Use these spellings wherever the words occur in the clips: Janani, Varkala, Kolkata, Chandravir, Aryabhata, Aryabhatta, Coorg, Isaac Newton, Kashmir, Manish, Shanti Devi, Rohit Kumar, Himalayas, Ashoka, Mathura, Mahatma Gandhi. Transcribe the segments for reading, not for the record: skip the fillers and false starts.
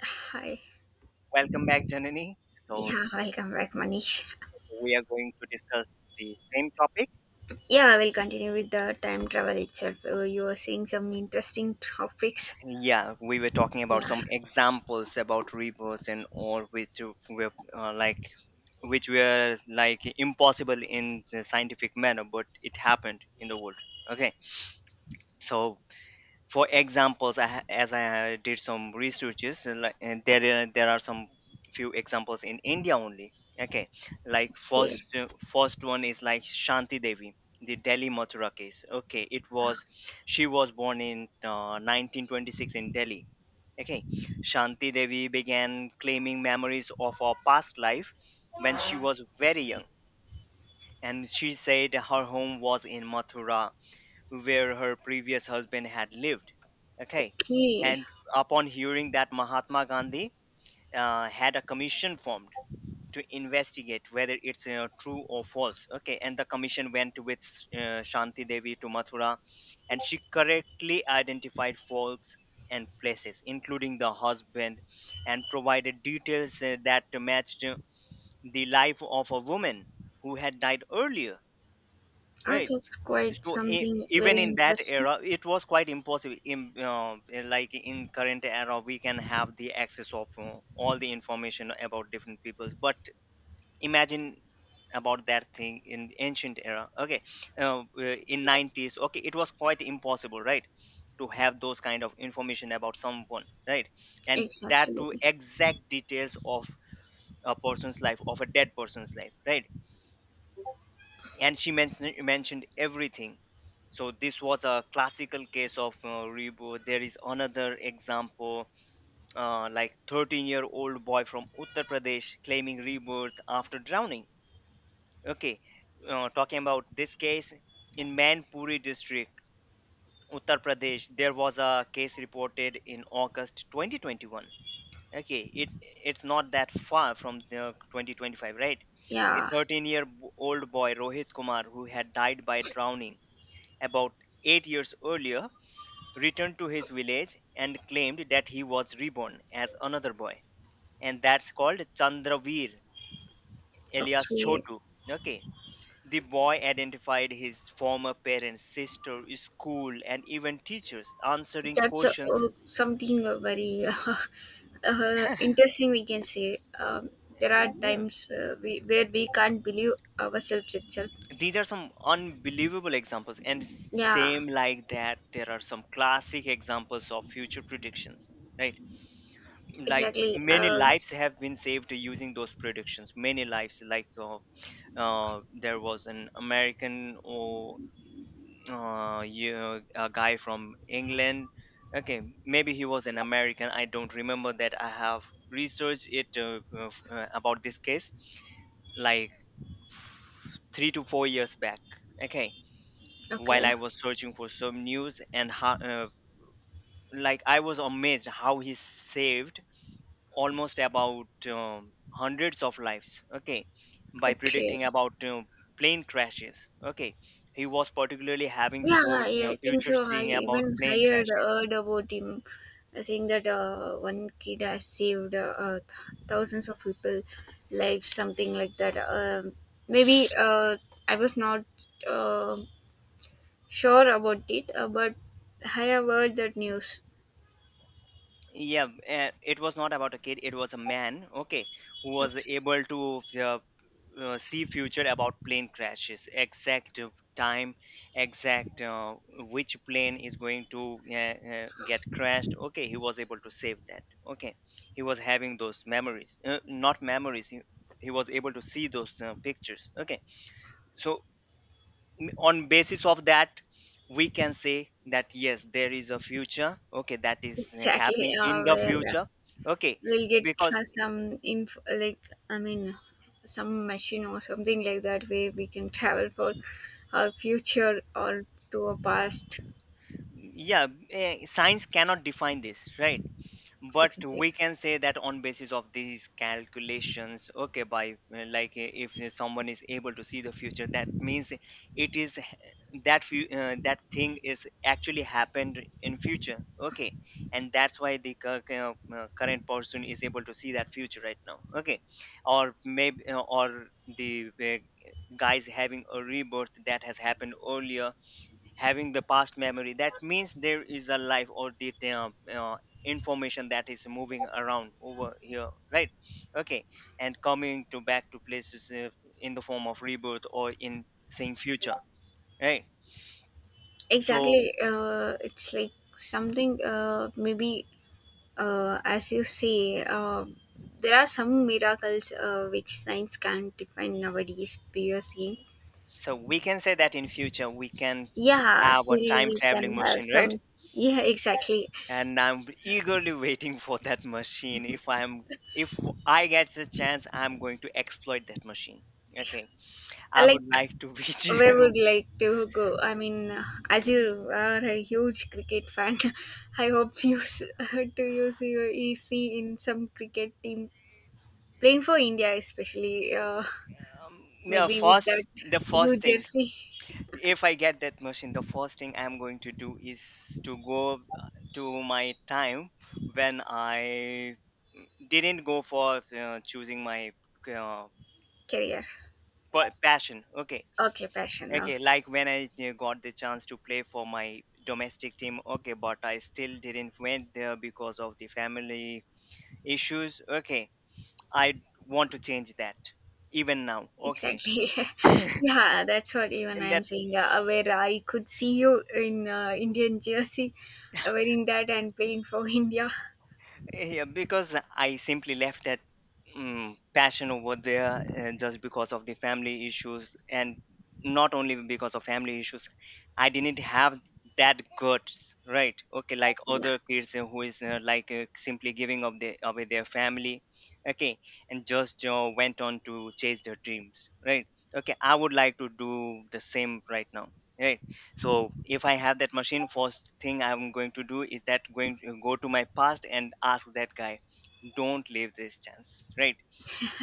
Hi. Welcome back, Janani. So, Yeah, welcome back, Manish. we are going to discuss the same topic. Yeah, we'll continue with the time travel itself. You were saying some interesting topics. Yeah, we were talking about Yeah. some examples about reverse and all, which were uh, like, which were like impossible in the scientific manner, but it happened in the world. Okay, so for examples as I did some researches and there are some few examples in India only. Okay, like Okay. First one is like Shanti Devi, the Delhi Mathura case. Okay, it was, she was born in 1926 in Delhi. Okay, Shanti Devi began claiming memories of her past life when she was very young, and she said her home was in Mathura where her previous husband had lived. Okay. Okay. And upon hearing that, Mahatma Gandhi had a commission formed to investigate whether it's true or false. Okay. And the commission went with Shanti Devi to Mathura, and she correctly identified faults and places, including the husband, and provided details that matched the life of a woman who had died earlier. Oh, Right? that's quite So something even very in that interesting. era it was quite impossible in like in current era we can have the access of all the information about different peoples, but imagine about that thing in ancient era. Okay, in 90s, okay, it was quite impossible, right, to have those kind of information about someone, right? And that to Exactly. exact details of a person's life, of a dead person's life, right? And she mentioned everything. So this was a classical case of reboot. There is another example, like 13-year-old boy from Uttar Pradesh claiming rebirth after drowning. Okay, talking about this case, in Manpuri district, Uttar Pradesh, there was a case reported in August 2021. Okay, it, it's not that far from the 2025, right? A Yeah. 13-year-old boy, Rohit Kumar, who had died by drowning about 8 years earlier, returned to his village and claimed that he was reborn as another boy, and that's called Chandravir alias Okay. Chotu. Okay, the boy identified his former parents, sister, school, and even teachers, answering That's questions. Something very interesting. We can say, there are Yeah, times we, where we can't believe ourselves itself. these are some unbelievable examples, and Yeah. same like that, there are some classic examples of future predictions, right? Like Exactly. many lives have been saved using those predictions, many lives, like there was an American or yeah, a guy from England. Okay, maybe he was an American, I don't remember that. I have researched it about this case like 3 to 4 years back. Okay, while Okay. I was searching for some news and how like I was amazed how he saved almost about hundreds of lives, okay, by predicting Okay. about plane crashes. Okay, he was particularly having Yeah, for I think future so. I seeing about even plane heard, crash. heard about him saying that one kid has saved thousands of people' lives, something like that. Maybe I was not, uh, sure about it, but I have heard that news. Yeah, it was not about a kid, it was a man. Okay, who was Okay, able to see future about plane crashes, exact time, exact which plane is going to get crashed. Okay, he was able to save that. Okay, he was having those memories, not memories, he was able to see those pictures. Okay, so on basis of that, we can say that yes, there is a future. Okay, that is exactly. happening in the Well, future. Okay, we'll get because some info, I mean, some machine or something like that where we can travel for our future or to our past. yeah, science cannot define this, right? But Exactly. we can say that on basis of these calculations. Okay, by if someone is able to see the future, that means it is h- that thing is actually happened in future. Okay, and that's why the current person is able to see that future right now. Okay, or maybe or the guys having a rebirth that has happened earlier, having the past memory, that means there is a life or the information that is moving around over here, right? Okay, and coming to back to places in the form of rebirth or in saying future, right? so Exactly, it's like something, maybe as you say, there are some miracles which science can't define nowadays we are seeing. so we can say that in future we can Yeah, have a still time we traveling can have machine, right? some. Yeah, exactly. And I'm eagerly waiting for that machine. If I'm, if I get the chance, I'm going to exploit that machine. Okay, I Like, would like to be. where would like to go, I mean, as you are a huge cricket fan, I hope you to use your ec in some cricket team playing for India, especially. Um, Maybe with that the blue first thing, jersey. if I get that machine, the first thing I'm going to do is to go to my time when I didn't go for choosing my uh, Career. Passion. Okay, Okay, passion now. okay, like when I got the chance to play for my domestic team. Okay, but I still didn't went there because of the family issues. Okay, I want to change that even now. Okay. Exactly. Yeah, that's what even And I'm saying. Yeah, where I could see you in, Indian jersey, wearing that and playing for India. yeah, because I simply left that passion over there just because of the family issues, and not only because of family issues, I didn't have that guts, right? Okay, like Yeah, other kids who is simply giving up away their family, okay, and just went on to chase their dreams, right? Okay, I would like to do the same right now, right? So if I have that machine, first thing I'm going to do is that, going to go to my past and ask that guy, don't leave this chance, right?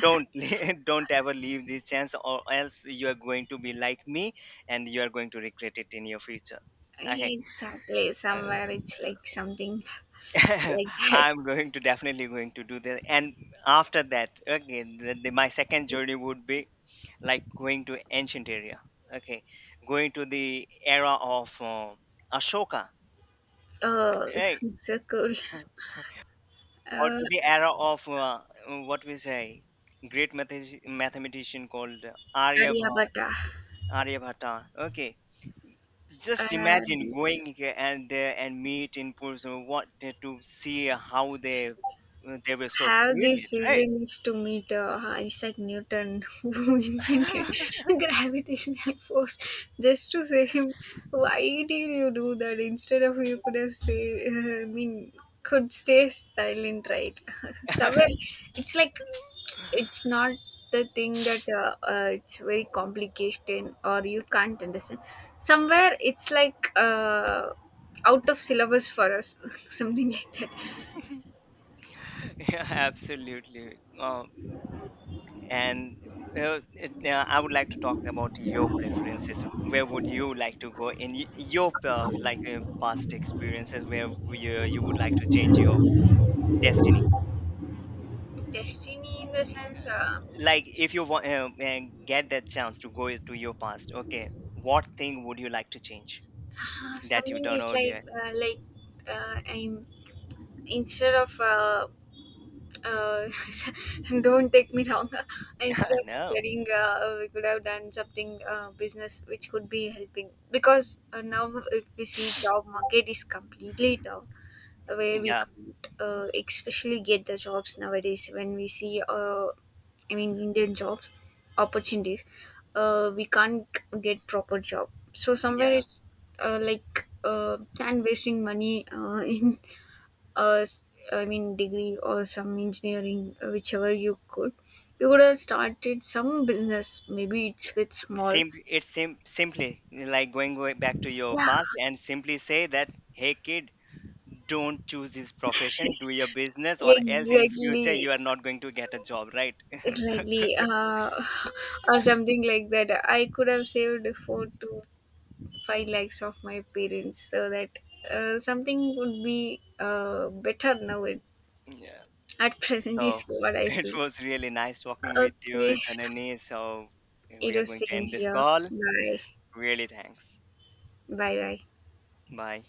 Don't don't ever leave this chance, or else you are going to be like me, and you are going to regret it in your future. Okay, yeah, exactly. Somewhere it's like something uh, like that. I'm going to definitely going to do that. And after that, okay, my second journey would be like going to ancient area. Okay, going to the era of Ashoka. Oh, Hey, so cool. or Uh, to the era of what we say, great mathematician called Aryabhat, Aryabhatta. Aryabhata. Okay, just Uh, imagine going here and there and meet in person. What to see how they were so have this brilliant, right? reason is to meet, Isaac Newton, who invented gravitational force. Just to say him, why did you do that? Instead of you could have say, could stay silent, right? Somewhere, it's like, it's not the thing that it's very complicated or you can't understand. Somewhere, it's like. Out of syllabus for us, something like that. Yeah, absolutely. And yeah, I would like to talk about your preferences. Where would you like to go in your past experiences? Where you would like to change your destiny, Destiny in the sense, like if you want get that chance to go to your past. Okay, what thing would you like to change that you something done is like, earlier? like, I'm instead of uh, don't take me wrong. Instead of No, studying, we could have done something, business which could be helping because, now if we see job market is completely down where we yeah, could, especially get the jobs nowadays when we see, Indian jobs opportunities. We can't get proper job, so somewhere yeah, it's and wasting money in uh, s- degree or some engineering, whichever you could, you could have started some business, maybe it's yeah. with small. It's simply like going way back to your Yeah, past and simply say that, hey kid, don't choose this profession, do your business, or else in future you exactly. are not going to get a job, right? Exactly, or something like that. I could have saved 4 to 5 lakhs of my parents so that, something would be, better now. It, Yeah, at present is so what I it feel. was really nice talking with you, Okay, Janani, so we it are is going to same end this here. call. Bye, Really thanks. bye, bye. Bye.